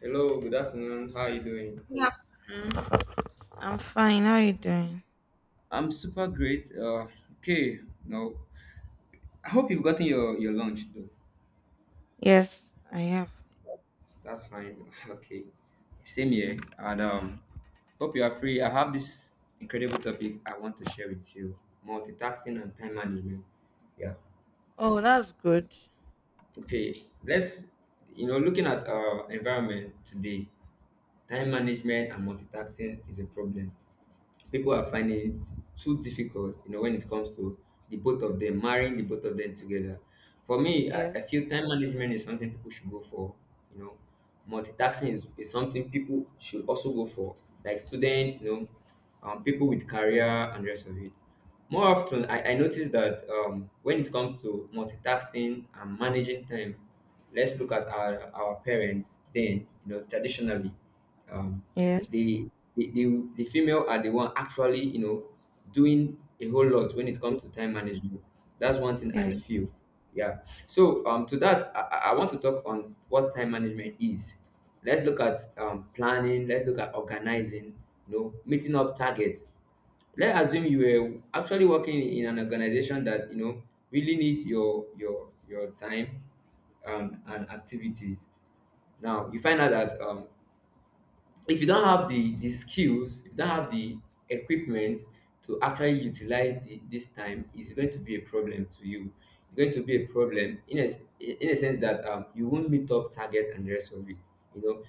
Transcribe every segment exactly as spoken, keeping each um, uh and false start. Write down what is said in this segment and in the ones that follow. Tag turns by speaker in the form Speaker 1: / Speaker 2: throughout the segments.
Speaker 1: Hello, good afternoon. How are you doing?
Speaker 2: Yeah. Mm, I'm fine. How are you doing?
Speaker 1: I'm super great. Uh, okay, no, I hope you've gotten your your lunch though.
Speaker 2: Yes, I have.
Speaker 1: That's fine. Okay, same here, and um, hope you are free. I have this incredible topic I want to share with you: multitasking and time management. Yeah.
Speaker 2: Oh, that's good.
Speaker 1: Okay, let's you know looking at our environment today, time management and multitasking is a problem. People are finding it too difficult, you know, when it comes to the both of them, marrying the both of them together. For me, I, I
Speaker 2: Yes.
Speaker 1: feel time management is something people should go for, you know. Multitasking is, is something people should also go for, like students, you know, um, people with career and rest of it. More often, I, I notice that um, when it comes to multitasking and managing time, let's look at our, our parents then, you know, traditionally, um,
Speaker 2: Yes.
Speaker 1: the, the, the, the female are the one actually, you know, doing a whole lot when it comes to time management. That's one thing I
Speaker 2: Yes.
Speaker 1: feel. Yeah. So um, to that, I, I I want to talk on what time management is. Let's look at um, planning. Let's look at organizing. You know, meeting up targets. Let's assume you were actually working in an organization that, you know, really needs your your your time um, and activities. Now you find out that um, if you don't have the the skills, if you don't have the equipment to actually utilize the, this time, it's going to be a problem to you. It's going to be a problem in a in a sense that um, you won't meet up target and the rest of it, you know.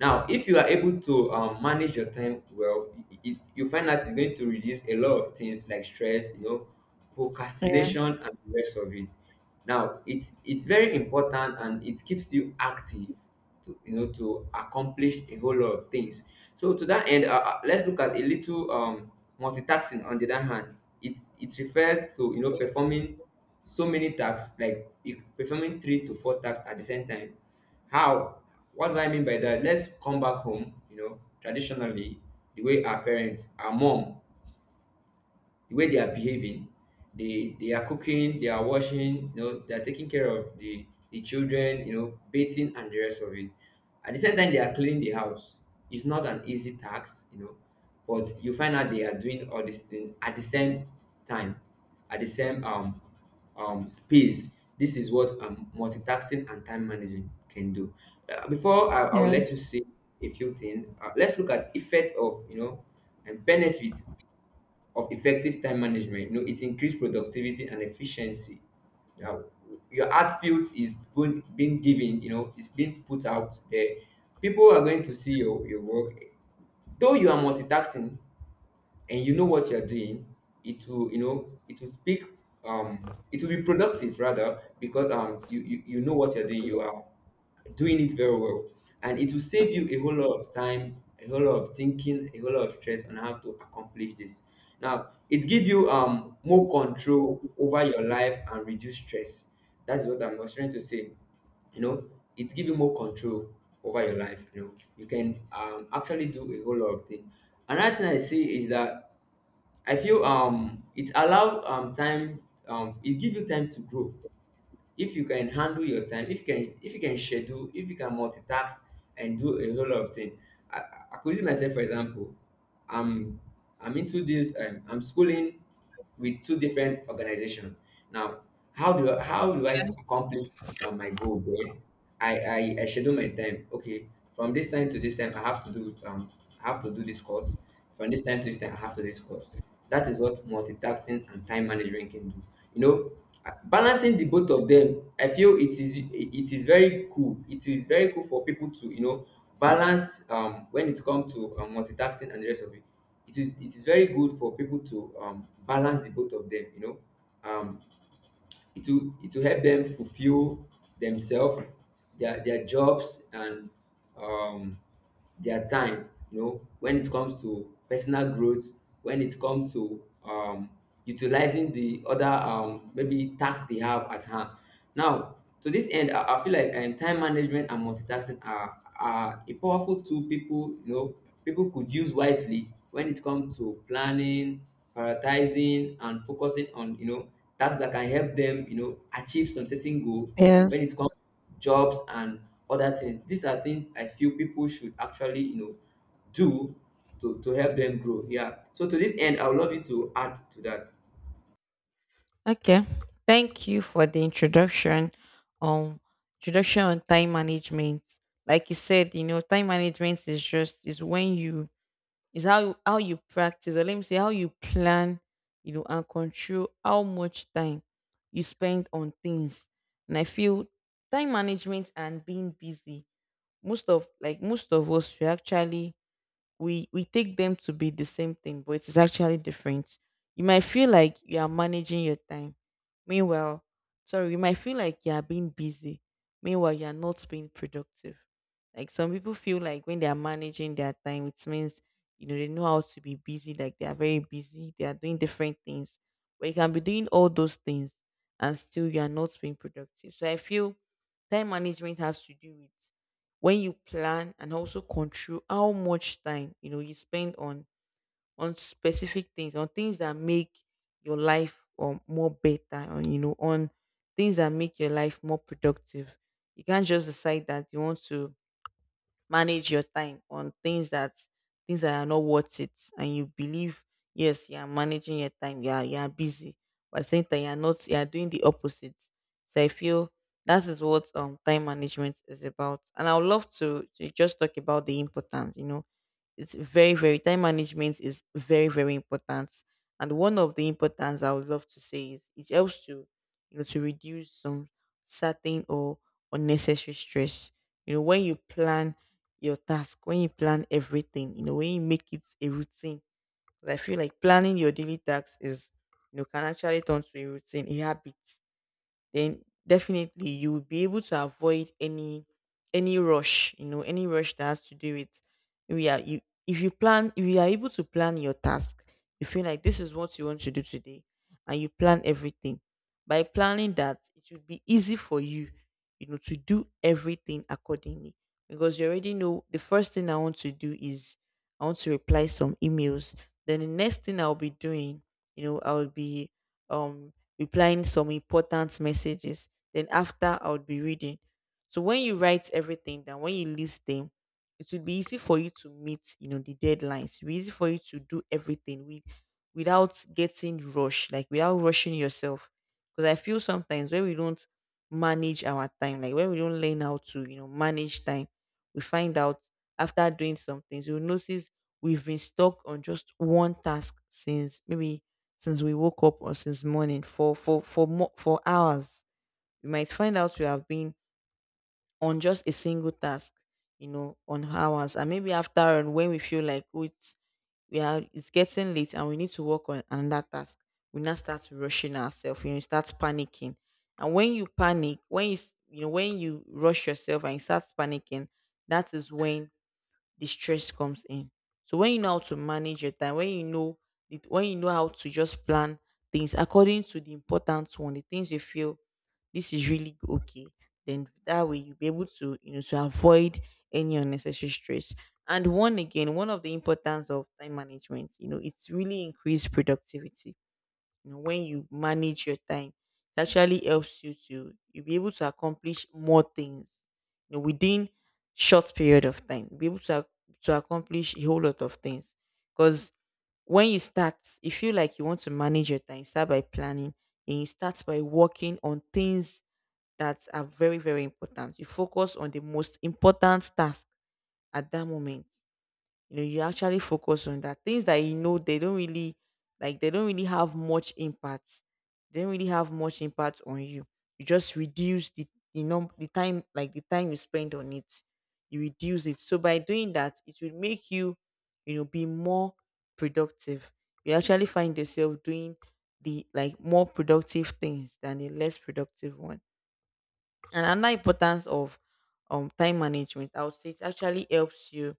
Speaker 1: Now if you are able to um, manage your time well, it, it, you find that it's going to reduce a lot of things like stress, you know, procrastination
Speaker 2: Yes.
Speaker 1: and the rest of it. Now it's it's very important, and it keeps you active to, you know, to accomplish a whole lot of things. So to that end, uh, uh, let's look at a little um, multitasking. On the other hand, it it refers to, you know, performing so many tasks, like you- performing three to four tasks at the same time. How? What do I mean by that? Let's come back home. You know, traditionally, the way our parents, our mom, the way they are behaving, they they are cooking, they are washing, you know, they are taking care of the the children, you know, bathing and the rest of it. At the same time, they are cleaning the house. It's not an easy task, you know, but you find out they are doing all these things at the same time, at the same um um space. This is what um multitasking and time managing can do. Uh, before I, I'll let
Speaker 2: Yes.
Speaker 1: you see a few things. Uh, let's look at effect of, you know, and benefit of effective time management. You know, it increased productivity and efficiency. Now, your art field is being being given, you know, it's being put out there. People are going to see your, your work. Though you are multitasking and you know what you're doing, it will, you know, it will speak um it will be productive rather, because um you, you, you know what you're doing, you are doing it very well. And it will save you a whole lot of time, a whole lot of thinking, a whole lot of stress on how to accomplish this. Now it gives you um more control over your life and reduce stress. That's what I'm was trying to say, you know. It gives you more control over your life, you know. You can um actually do a whole lot of things. Another thing I see is that I feel um it allow um time um it gives you time to grow. If you can handle your time, if you can, if you can schedule, if you can multitask and do a whole lot of things. I, I I could use myself for example. I'm i'm into this, um, i'm schooling with two different organizations. Now how do how do i accomplish uh, my goal there? I, I I schedule my time. Okay, from this time to this time, I have to do um I have to do this course. From this time to this time, I have to do this course. That is what multitasking and time management can do. You know, uh, balancing the both of them, I feel it is it it is very cool. It is very cool for people to, you know, balance um when it comes to um, multitasking and the rest of it. It is it is very good for people to um balance the both of them. You know, um it will it will help them fulfill themselves, their their jobs and um their time, you know, when it comes to personal growth, when it comes to um utilizing the other um maybe tasks they have at hand. Now, to this end, i, I feel like um, time management and multitasking are are a powerful tool people, you know, people could use wisely when it comes to planning, prioritizing and focusing on, you know, tasks that can help them, you know, achieve some certain goal,
Speaker 2: Yes.
Speaker 1: when it comes jobs and other things. These are things I feel people should actually, you know, do to, to help them grow. Yeah. So to this end, I would love you to add to that.
Speaker 2: Okay, thank you for the introduction on introduction on time management. Like you said, you know, time management is just is when you— it's how you how you practice, or let me say how you plan, you know, and control how much time you spend on things. And I feel time management and being busy, most of— like most of us, we actually we we take them to be the same thing, but it is actually different. You might feel like you are managing your time. Meanwhile— sorry, you might feel like you are being busy. Meanwhile, you are not being productive. Like some people feel like when they are managing their time, it means, you know, they know how to be busy, like they are very busy, they are doing different things. But you can be doing all those things and still you are not being productive. So I feel time management has to do with when you plan and also control how much time, you know, you spend on— on specific things, on things that make your life or more better, on, you know, on things that make your life more productive. You can't just decide that you want to manage your time on things that— things that are not worth it and you believe yes, you are managing your time, you are— you are busy, but at the same time you are not, you are doing the opposite. So I feel that is what um time management is about, and I would love to, to just talk about the importance, you know. It's very, very— time management is very, very important. And one of the importance I would love to say is it helps to, you know, to reduce some certain or unnecessary stress. You know, when you plan your task, when you plan everything, you know, when you make it a routine. 'Cause I feel like planning your daily tasks is, you know, can actually turn to a routine, a habit, then definitely you will be able to avoid any any rush, you know, any rush that has to do with— we are you— if you plan, if you are able to plan your task, you feel like this is what you want to do today and you plan everything. By planning that, it will be easy for you, you know, to do everything accordingly. Because you already know the first thing I want to do is I want to reply some emails. Then the next thing I'll be doing, you know, I'll be um replying some important messages. Then after, I would be reading. So when you write everything down, when you list them, it would be easy for you to meet, you know, the deadlines. It will be easy for you to do everything with— without getting rushed, like without rushing yourself. Because I feel sometimes when we don't manage our time, like when we don't learn how to, you know, manage time, we find out after doing some things, you'll notice we've been stuck on just one task since maybe since we woke up or since morning for for for more, for hours. You might find out you have been on just a single task, you know, on hours, and maybe after, and when we feel like oh, it's— we are— it's getting late and we need to work on another task, we now start rushing ourselves, you know, you start panicking. And when you panic, when you s- you know, when you rush yourself and you start panicking, that is when the stress comes in. So when you know how to manage your time, when you know it, when you know how to just plan things according to the important one, the things you feel this is really okay, then that way you'll be able to, you know, to avoid any unnecessary stress. And one again, one of the importance of time management, you know, it's really increased productivity. You know, when you manage your time, it actually helps you to— you be able to accomplish more things, you know, within short period of time. Be able to ac- to accomplish a whole lot of things. Because when you start, you feel like you want to manage your time. Start by planning, and you start by working on things that are very, very important. You focus on the most important task at that moment, you know, you actually focus on that things that you know they don't really— like they don't really have much impact, they don't really have much impact on you. You just reduce the— the num— the time, like the time you spend on it, you reduce it. So by doing that, it will make you, you know, be more productive. You actually find yourself doing the— like more productive things than the less productive one. And another importance of um time management, I would say it actually helps you—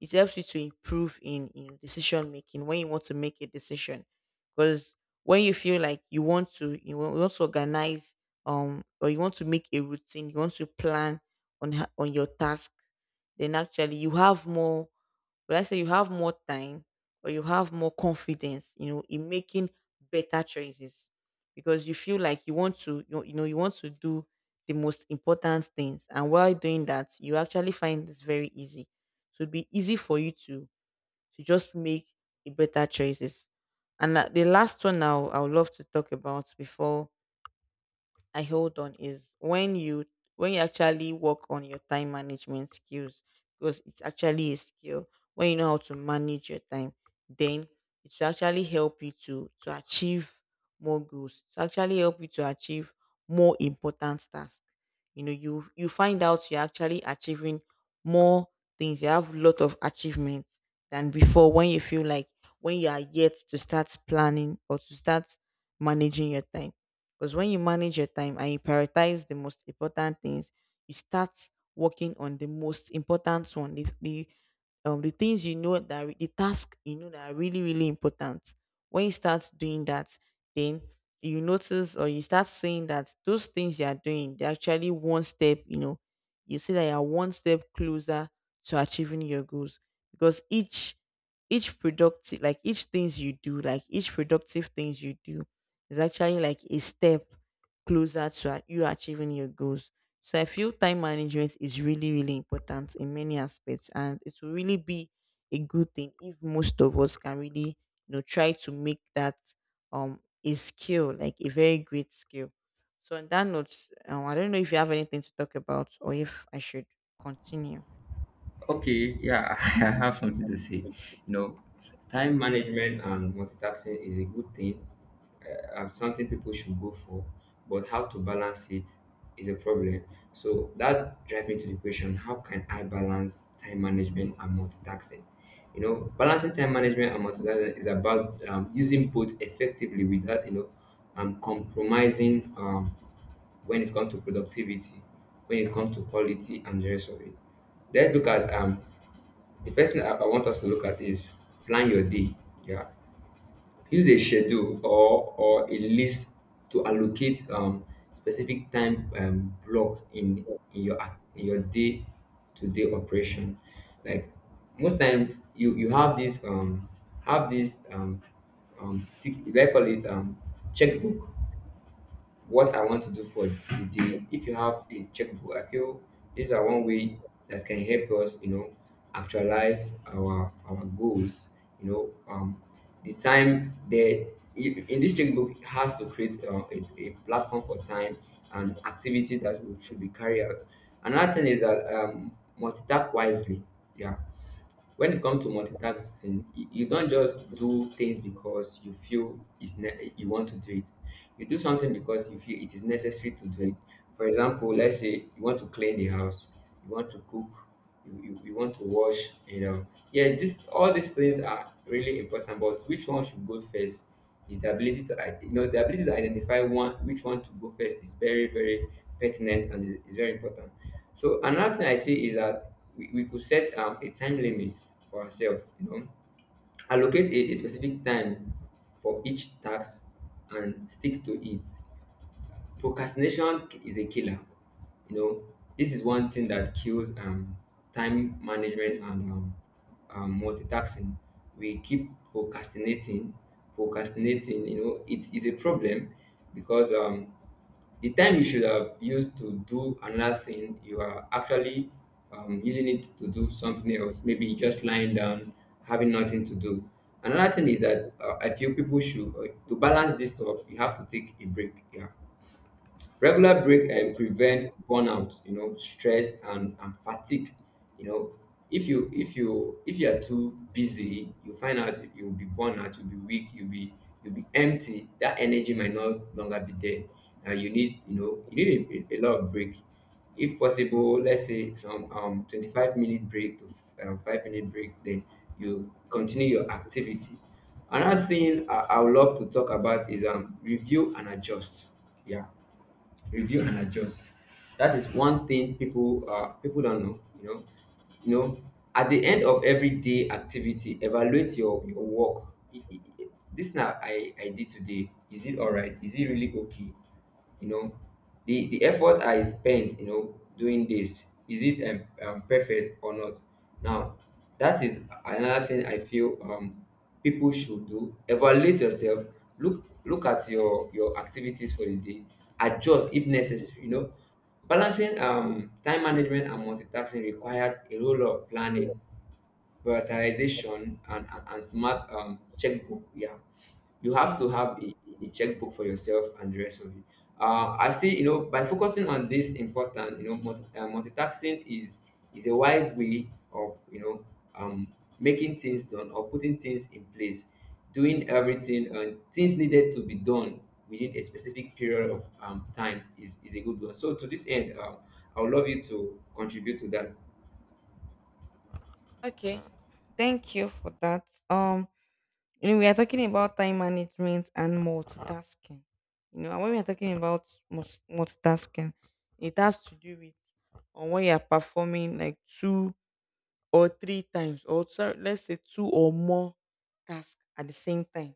Speaker 2: it helps you to improve in— in decision making when you want to make a decision. Because when you feel like you want to— you wa- you want to organize um or you want to make a routine, you want to plan on ho- on your task, then actually you have more— but I say you have more time, or you have more confidence, you know, in making better choices. Because you feel like you want to, you, you know, you want to do the most important things. And while doing that, you actually find this very easy. So it'd be easy for you to— to just make a better choices. And uh, the last one now I would love to talk about before I hold on is when you— when you actually work on your time management skills, because it's actually a skill. When you know how to manage your time, then it will actually help you to— to achieve more goals. To actually help you to achieve more important tasks. You know, you— you find out you're actually achieving more things. You have a lot of achievements than before when you feel like— when you are yet to start planning or to start managing your time. Because when you manage your time and you prioritize the most important things, you start working on the most important one, the, the um the things you know that re- the task you know that are really, really important. When you start doing that, then you notice or you start seeing that those things you are doing, they're actually one step. You know, you see that you are one step closer to achieving your goals, because each— each productive— like each things you do, like each productive things you do, it's actually like a step closer to a- you achieving your goals. So I feel time management is really, really important in many aspects, and it will really be a good thing if most of us can really, you know, try to make that um a skill, like a very great skill. So on that note, um, I don't know if you have anything to talk about or if I should continue.
Speaker 1: Okay, yeah, I have something to say. You know, time management and multitasking is a good thing, uh, and something people should go for, but how to balance it is a problem. So that drives me to the question: how can I balance time management and multitasking? You know, balancing time management and multitasking is about um, using both effectively without, you know, um, compromising, um, when it comes to productivity, when it comes to quality and the rest of it. Let's look at um, the first thing I, I want us to look at is plan your day. Yeah, use a schedule or or a list to allocate um specific time um block in in your ac- in your day to day operation, like, most time you you have this um have this um um tick, do call it um checkbook, what I want to do for the day. If you have a checkbook, I feel these are one way that can help us, you know, actualize our our goals. You know, um, the time that in this checkbook has to create uh, a, a platform for time and activity that we should be carried out. Another thing is that um, multitask wisely. Yeah, when it comes to multitasking you, you don't just do things because you feel it's ne- you want to do it, you do something because you feel it is necessary to do it. For example, let's say you want to clean the house, you want to cook, you, you, you want to wash, you know. Yeah, this, all these things are really important, but which one should go first is the ability to, i- you know, the ability to identify one, which one to go first is very very pertinent and is, is very important. So another thing I see is that we, we could set um, a time limit for ourselves, you know, allocate a, a specific time for each task and stick to it. Procrastination is a killer. You know, this is one thing that kills um, time management and um, um, multitasking. We keep procrastinating, procrastinating. You know, it is a problem, because um, the time you should have used to do another thing, you are actually um, using it to do something else. Maybe just lying down, having nothing to do. Another thing is that uh, I feel people should, uh, to balance this up, you have to take a break. Yeah, regular break and prevent burnout, you know, stress and, and fatigue. You know, if you if you if you are too busy, you find out you'll be burnt out, you'll be weak, you'll be you'll be empty. That energy might no longer be there. And you need, you know, you need a, a lot of break. If possible, let's say some um twenty-five minute break to um, five minute break, then you continue your activity. Another thing I, I would love to talk about is um review and adjust. Yeah, review and adjust. That is one thing people uh, people don't know. You know, you know, at the end of every day activity, evaluate your your work. I- I- I- This now I I did today. Is it all right? Is it really okay? You know, the the effort I spent, you know doing this, is it um, um perfect or not now? That is another thing I feel, um people should do. Evaluate yourself, look look at your your activities for the day, adjust if necessary, you know. Balancing um time management and multitasking required a whole lot of planning, prioritization, and, and, and smart um, checkbook. Yeah, you have to
Speaker 2: Yes.
Speaker 1: have a, a checkbook for yourself and the rest of you. Uh, I say, you know, by focusing on this important, you know, multi, uh, multitasking is is a wise way of, you know, um, making things done or putting things in place, doing everything and things needed to be done within a specific period of um, time is, is a good one. So to this end, um, I would love you to contribute to that.
Speaker 2: Okay, thank you for that. Um, You know, we are talking about time management and multitasking. You know, and when we are talking about mus- multitasking, it has to do with on when you are performing like two or three times, or sorry, let's say two or more tasks at the same time.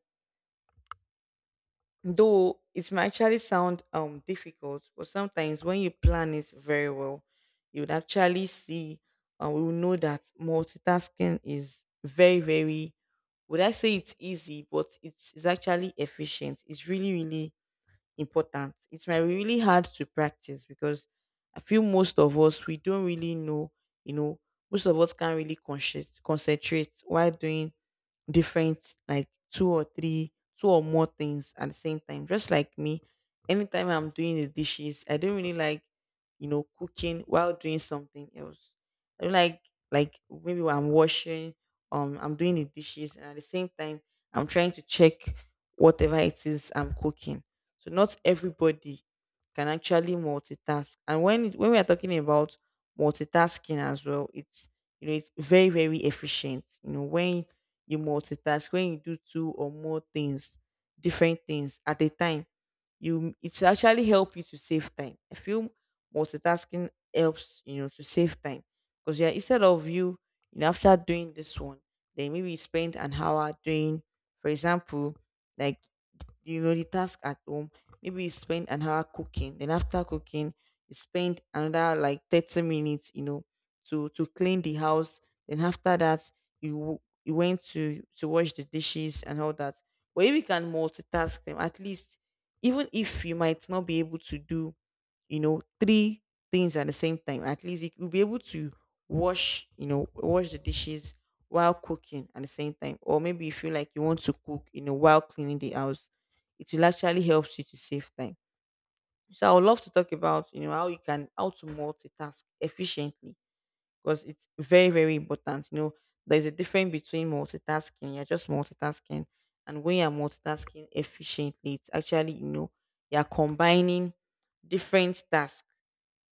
Speaker 2: Though it might actually sound um difficult, but sometimes when you plan it very well, you would actually see, and we will know that multitasking is very, very— would I say it's easy, but it's, it's actually efficient. It's really, really important. It might be really hard to practice because I feel most of us, we don't really know, you know, most of us can't really consci- concentrate while doing different, like two or three, two or more things at the same time, just like me. Anytime I'm doing the dishes, I don't really like, you know cooking while doing something else. I don't like, like maybe while I'm washing, um I'm doing the dishes and at the same time I'm trying to check whatever it is I'm cooking. So not everybody can actually multitask. And when it, when we are talking about multitasking as well, it's you know it's very, very efficient, you know when you multitask, when you do two or more things, different things at a time, you it actually help you to save time. I feel multitasking helps, you know to save time, because yeah, instead of you, you know after doing this one, then maybe you spend an hour doing, for example, like you know the task at home. Maybe you spend an hour cooking, then after cooking you spend another like thirty minutes, you know to to clean the house. Then after that, you w- you went to to wash the dishes and all that. But if you can multitask them, at least, even if you might not be able to do, you know, three things at the same time, at least you- will be able to wash, you know, wash the dishes while cooking at the same time. Or maybe you feel like you want to cook, you know, while cleaning the house. It will actually help you to save time. So I would love to talk about, you know, how you can how to multitask efficiently, because it's very, very important. You know, there's a difference between multitasking, you're just multitasking, and when you're multitasking efficiently, it's actually, you know, you're combining different tasks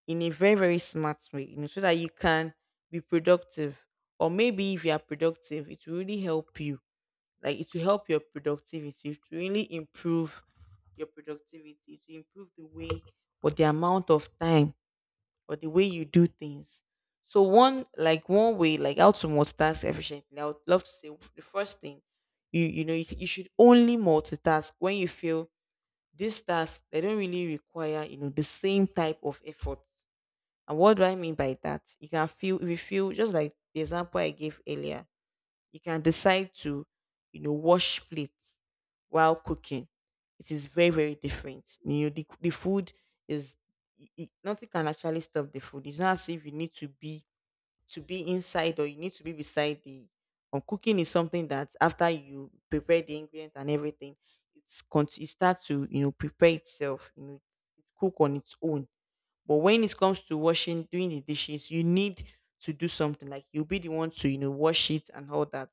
Speaker 2: in a very, very smart way, you know, so that you can be productive. Or maybe if you are productive, it will really help you. Like it will help your productivity, it will really improve your productivity, to improve the way or the amount of time or the way you do things. So one like one way, like how to multitask efficiently, I would love to say, the first thing, you you know you, you should only multitask when you feel these tasks, they don't really require, you know, the same type of effort. And what do I mean by that? You can feel, if you feel, just like the example I gave earlier, you can decide to, you know, wash plates while cooking. It is very, very different. You know, the, the food is, i- i- nothing can actually stop the food. It's not as if you need to be, to be inside, or you need to be beside the, um, cooking is something that after you prepare the ingredients and everything, it's cont- it starts to, you know, prepare itself, you know, it cook on its own. But when it comes to washing, doing the dishes, you need to do something, like you'll be the one to, you know, wash it and all that.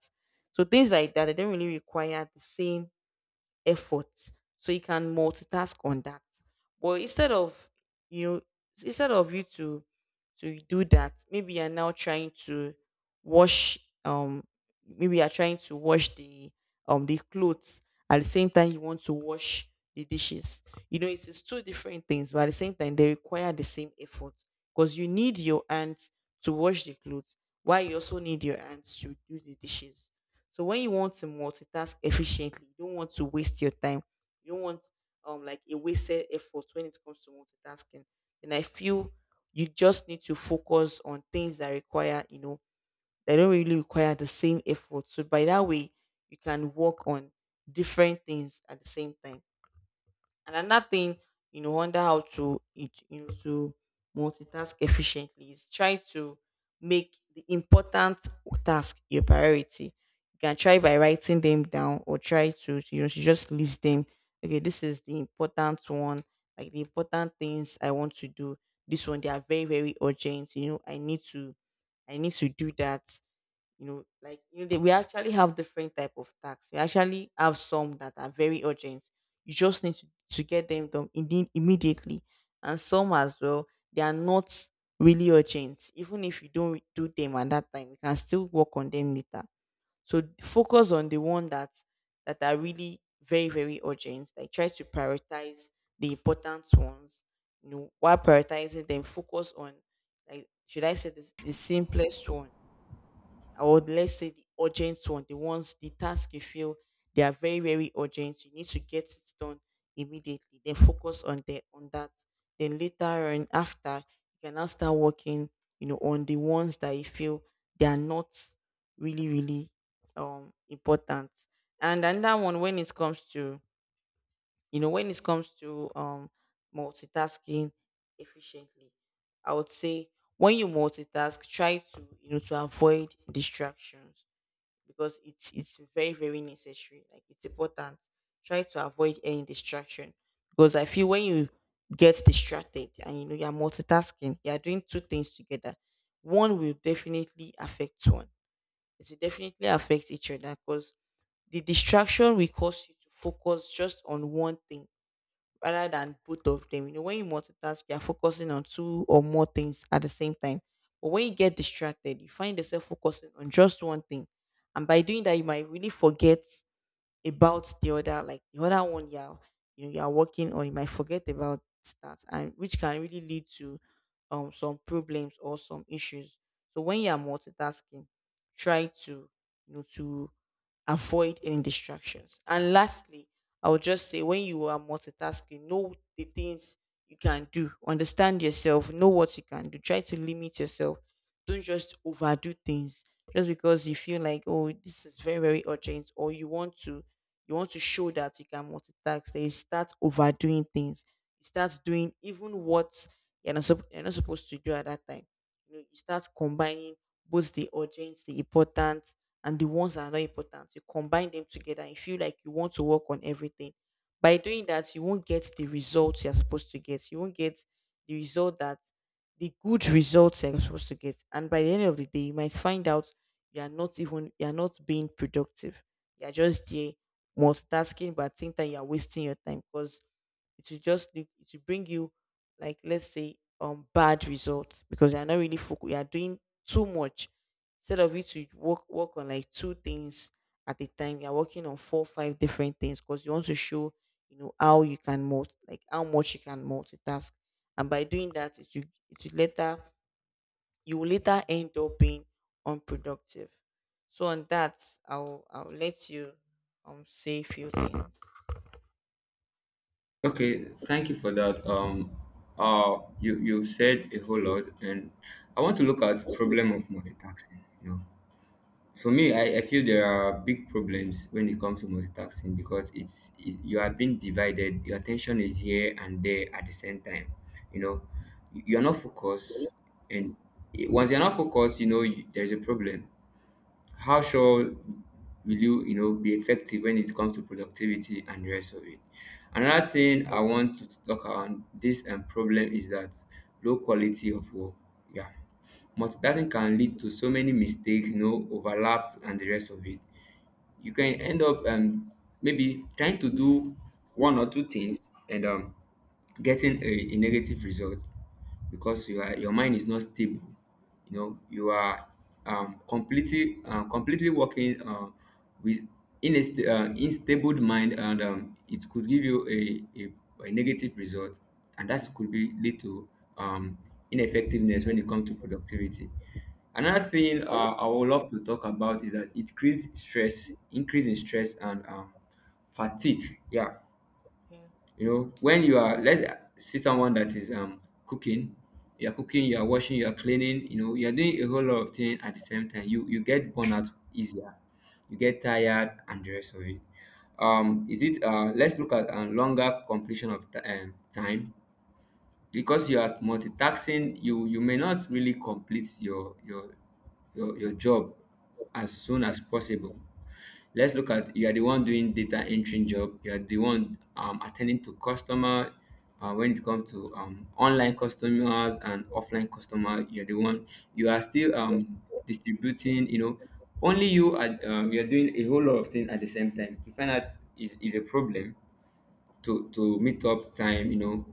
Speaker 2: So things like that, they don't really require the same effort, so you can multitask on that. But instead of, you know instead of you to to do that, maybe you're now trying to wash, um maybe you're trying to wash the, um, the clothes at the same time you want to wash the dishes. You know, it is two different things, but at the same time they require the same effort, because you need your hands to wash the clothes while you also need your hands to do the dishes. So when you want to multitask efficiently, you don't want to waste your time. You don't want, um, like a wasted effort when it comes to multitasking. And I feel you just need to focus on things that require, you know, that don't really require the same effort. So by that way, you can work on different things at the same time. And another thing, you know, under how to it- you know to multitask efficiently, is try to make the important task your priority. You can try by writing them down, or try to, you know, to just list them. Okay, this is the important one, like the important things I want to do. This one, they are very, very urgent. You know, I need to I need to do that, you know, like you know, they, we actually have different type of tasks. We actually have some that are very urgent, you just need to, to get them done indeed immediately. And some as well, they are not really urgent. Even if you don't do them at that time, you can still work on them later. So focus on the one that that are really very, very urgent, like try to prioritize the important ones, you know. While prioritizing them, focus on, like should I say this, the simplest one, or let's say the urgent one, the ones, the task you feel they are very, very urgent. You need to get it done immediately. Then focus on the on that. Then later on, after, you can now start working, you know, on the ones that you feel they are not really, really, um, important. And another one when it comes to, you know, when it comes to, um, multitasking efficiently, I would say when you multitask, try to, you know, to avoid distractions, because it's it's very, very necessary. Like it's important. Try to avoid any distraction, because I feel when you get distracted, and you know you're multitasking, you're doing two things together, one will definitely affect one. It will definitely affect each other, because the distraction will cause you to focus just on one thing rather than both of them. You know, when you multitask, you're focusing on two or more things at the same time. But when you get distracted, you find yourself focusing on just one thing. And by doing that, you might really forget about the other, like the other one you're, you know, you're working on, you might forget about that, and which can really lead to, um, some problems or some issues. So when you're multitasking, try to, you know, to avoid any distractions. And lastly, I would just say when you are multitasking, know the things you can do, understand yourself, know what you can do, try to limit yourself. Don't just overdo things just because you feel like, oh, this is very, very urgent, or you want to, you want to show that you can multitask. Then you start overdoing things. You start doing even what you're not, sup- you're not supposed to do at that time. You know, you start combining both the urgent, the important, and the ones that are not important. You combine them together and you feel like you want to work on everything. By doing that, you won't get the results you're supposed to get. You won't get the result that the good results you're supposed to get. And by the end of the day, you might find out you are not even you are not being productive. You are just there multitasking, but at the same time you are wasting your time, because it will just lead- it will bring you, like let's say, um, bad results, because you are not really focused. You are doing too much instead of you to work work on like two things at a time. You are working on four five different things because you want to show, you know, how you can multi like how much you can multitask. And by doing that, it will, it will later you will later end up being unproductive. So on that, I'll I'll let you, um, say a few things.
Speaker 1: Okay, thank you for that. Um, uh, you you said a whole lot, and I want to look at problem of multitasking. You know, for me, I, I feel there are big problems when it comes to multitasking because it's, it's you are being divided. Your attention is here and there at the same time. You know, you- are not focused, and it- once you're not focused, you know you, there's a problem. How sure will you, you know, be effective when it comes to productivity and the rest of it? Another thing I want to talk on this um, problem is that low quality of work. Yeah. Multitasking can lead to so many mistakes, you know, overlap and the rest of it. You can end up um maybe trying to do one or two things and um getting a, a negative result because you are, your mind is not stable. You know, you are um, completely uh, completely working uh, with in a st- uh, unstable mind, and um, it could give you a, a, a negative result, and that could be lead to um, ineffectiveness when it comes to productivity. Another thing, uh, I would love to talk about is that it creates stress, increase in stress and um, fatigue. Yeah,
Speaker 2: Yes.
Speaker 1: you know, when you are, let's see someone that is um, cooking. You are cooking, you are washing, you are cleaning, you know, you are doing a whole lot of things at the same time. You you get burnt out easier, you get tired and the rest of it. Um, is it? Uh, let's look at uh, longer completion of t- um, time. Because you are multitasking, you you may not really complete your your your, your job as soon as possible. Let's look at, you are the one doing data entry job, you are the one um, attending to customer, uh, when it comes to um, online customers and offline customer. You're the one, you are still um, distributing, you know, only you are um, you're doing a whole lot of things at the same time. You find out is, is a problem to to meet up time, you know.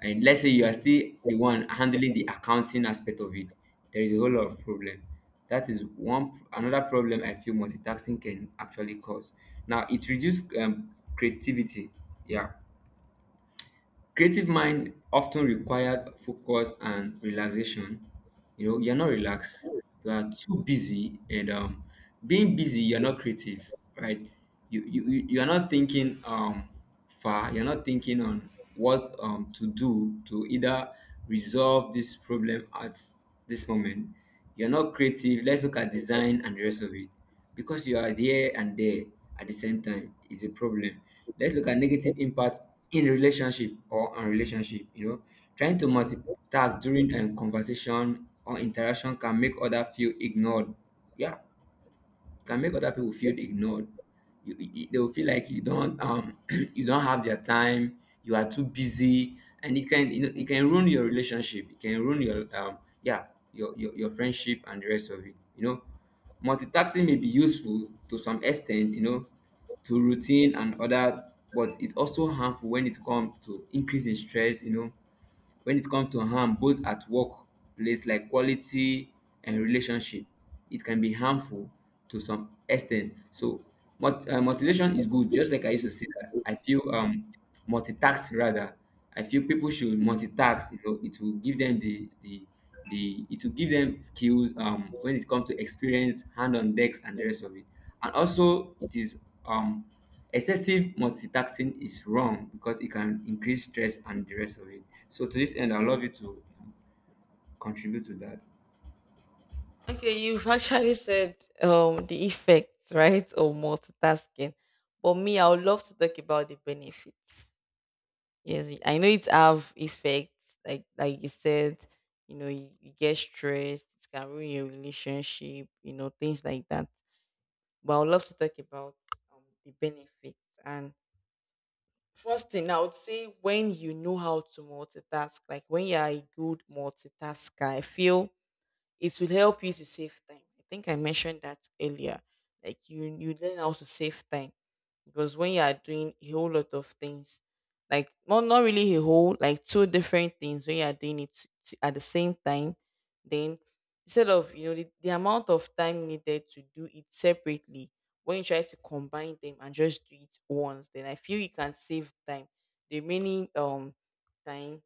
Speaker 1: And let's say you
Speaker 2: Yeah.
Speaker 1: are still the one handling the accounting aspect of it. There is a whole lot of problem. That is one another problem I feel multitasking can actually cause. Now it reduces um, creativity. Yeah, creative mind often required focus and relaxation. You know, you're not relaxed, you are too busy, and um being busy you're not creative, right? you you, you you are not thinking um far, you're not thinking on what um to do to either resolve this problem at this moment. You're not creative. Let's look at design and the rest of it. Because you are there and there at the same time is a problem. Let's look at negative impact in relationship or on relationship. You know, trying to multitask during a conversation or interaction can make other feel ignored. Yeah, can make other people feel ignored. You, you- they will feel like you don't um you don't have their time. You are too busy, and it can, you know, it can ruin your relationship. It can ruin your um yeah your, your your friendship and the rest of it. You know, multitasking may be useful to some extent. You know, to routine and other, but it's also harmful when it comes to increasing stress. You know, when it comes to harm both at workplace like quality and relationship, it can be harmful to some extent. So mot- uh, motivation is good. Just like I used to say that I feel, um multitask, rather I feel people should multitask. You know, it will give them the the the it will give them skills um when it comes to experience, hand on decks and the rest of it. And also it is um excessive multitasking is wrong because it can increase stress and the rest of it. So to this end, I'd love you to contribute to that.
Speaker 2: Okay, you've actually said, um, the effects, right, of multitasking. But me, I would love to talk about the benefits. Yes, I know it have effects, like like you said, you know, you, you get stressed, it can ruin your relationship, you know, things like that. But I would love to talk about, um, the benefits. And first thing I would say, when you know how to multitask, like when you are a good multitasker, I feel it will help you to save time. I think I mentioned that earlier. Like you, you learn how to save time, because when you are doing a whole lot of things, like not not really a whole, like two different things, when you are doing it t- at the same time, then instead of, you know, the, the amount of time needed to do it separately, when you try to combine them and just do it once, then I feel you can save time. The remaining, um, time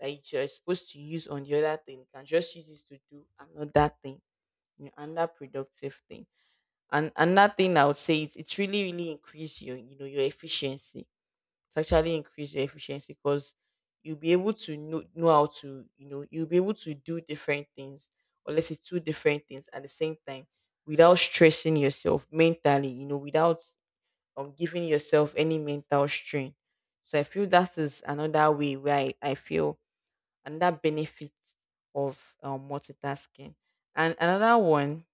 Speaker 2: that you're supposed to use on the other thing, you can just use this to do another thing, you know, another productive thing. And another thing I would say is it's really, really increase your, you know, your efficiency. It's actually increase your efficiency, because you'll be able to know, know how to, you know, you'll be able to do different things, or let's say two different things at the same time without stressing yourself mentally, you know, without, um, giving yourself any mental strain. So I feel that is another way where I, I feel and that benefit of, um, multitasking. And another one,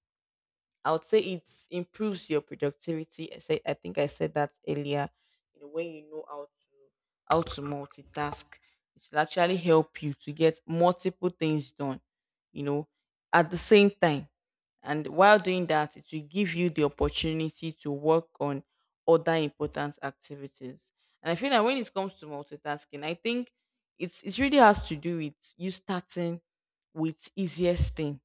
Speaker 2: I would say it improves your productivity. I say I think I said that earlier. You know, when you know how to, how to multitask, it will actually help you to get multiple things done, you know, at the same time. And while doing that, it will give you the opportunity to work on other important activities. And I feel that when it comes to multitasking, I think it's it really has to do with you starting with easiest thing.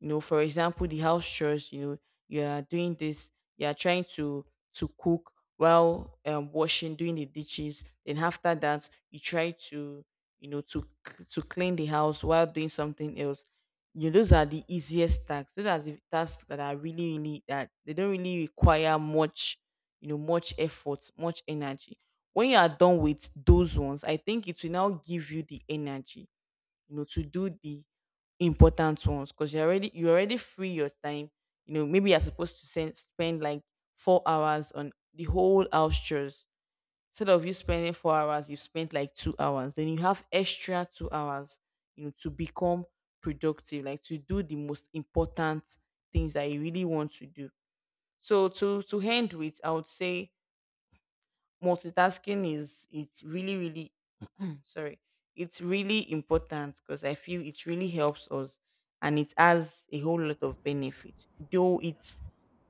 Speaker 2: You know, for example, the house chores, you know, you are doing this, you are trying to to cook while, um, washing, doing the dishes. Then after that you try to, you know, to c- to clean the house while doing something else. You know, those are the easiest tasks, those are the tasks that are really, really, that they don't really require much, you know, much effort, much energy. When you are done with those ones, I think it will now give you the energy, you know, to do the important ones, because you already you already free your time. You know, maybe you're supposed to send, spend like four hours on the whole house chores. Instead of you spending four hours, you've spent like two hours. Then you have extra two hours, you know, to become productive, like to do the most important things that you really want to do. So to to end with, I would say multitasking is, it's really, really, sorry, it's really important, because I feel it really helps us and it has a whole lot of benefits. Though it's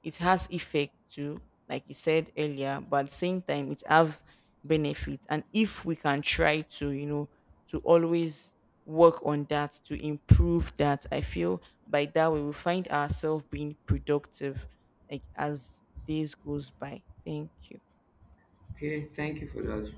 Speaker 2: it has effect too, like you said earlier, but at the same time it has benefits. And if we can try to, you know, to always work on that, to improve that, I feel by that we will find ourselves being productive, like as days goes by. Thank you.
Speaker 1: Okay, thank you for that.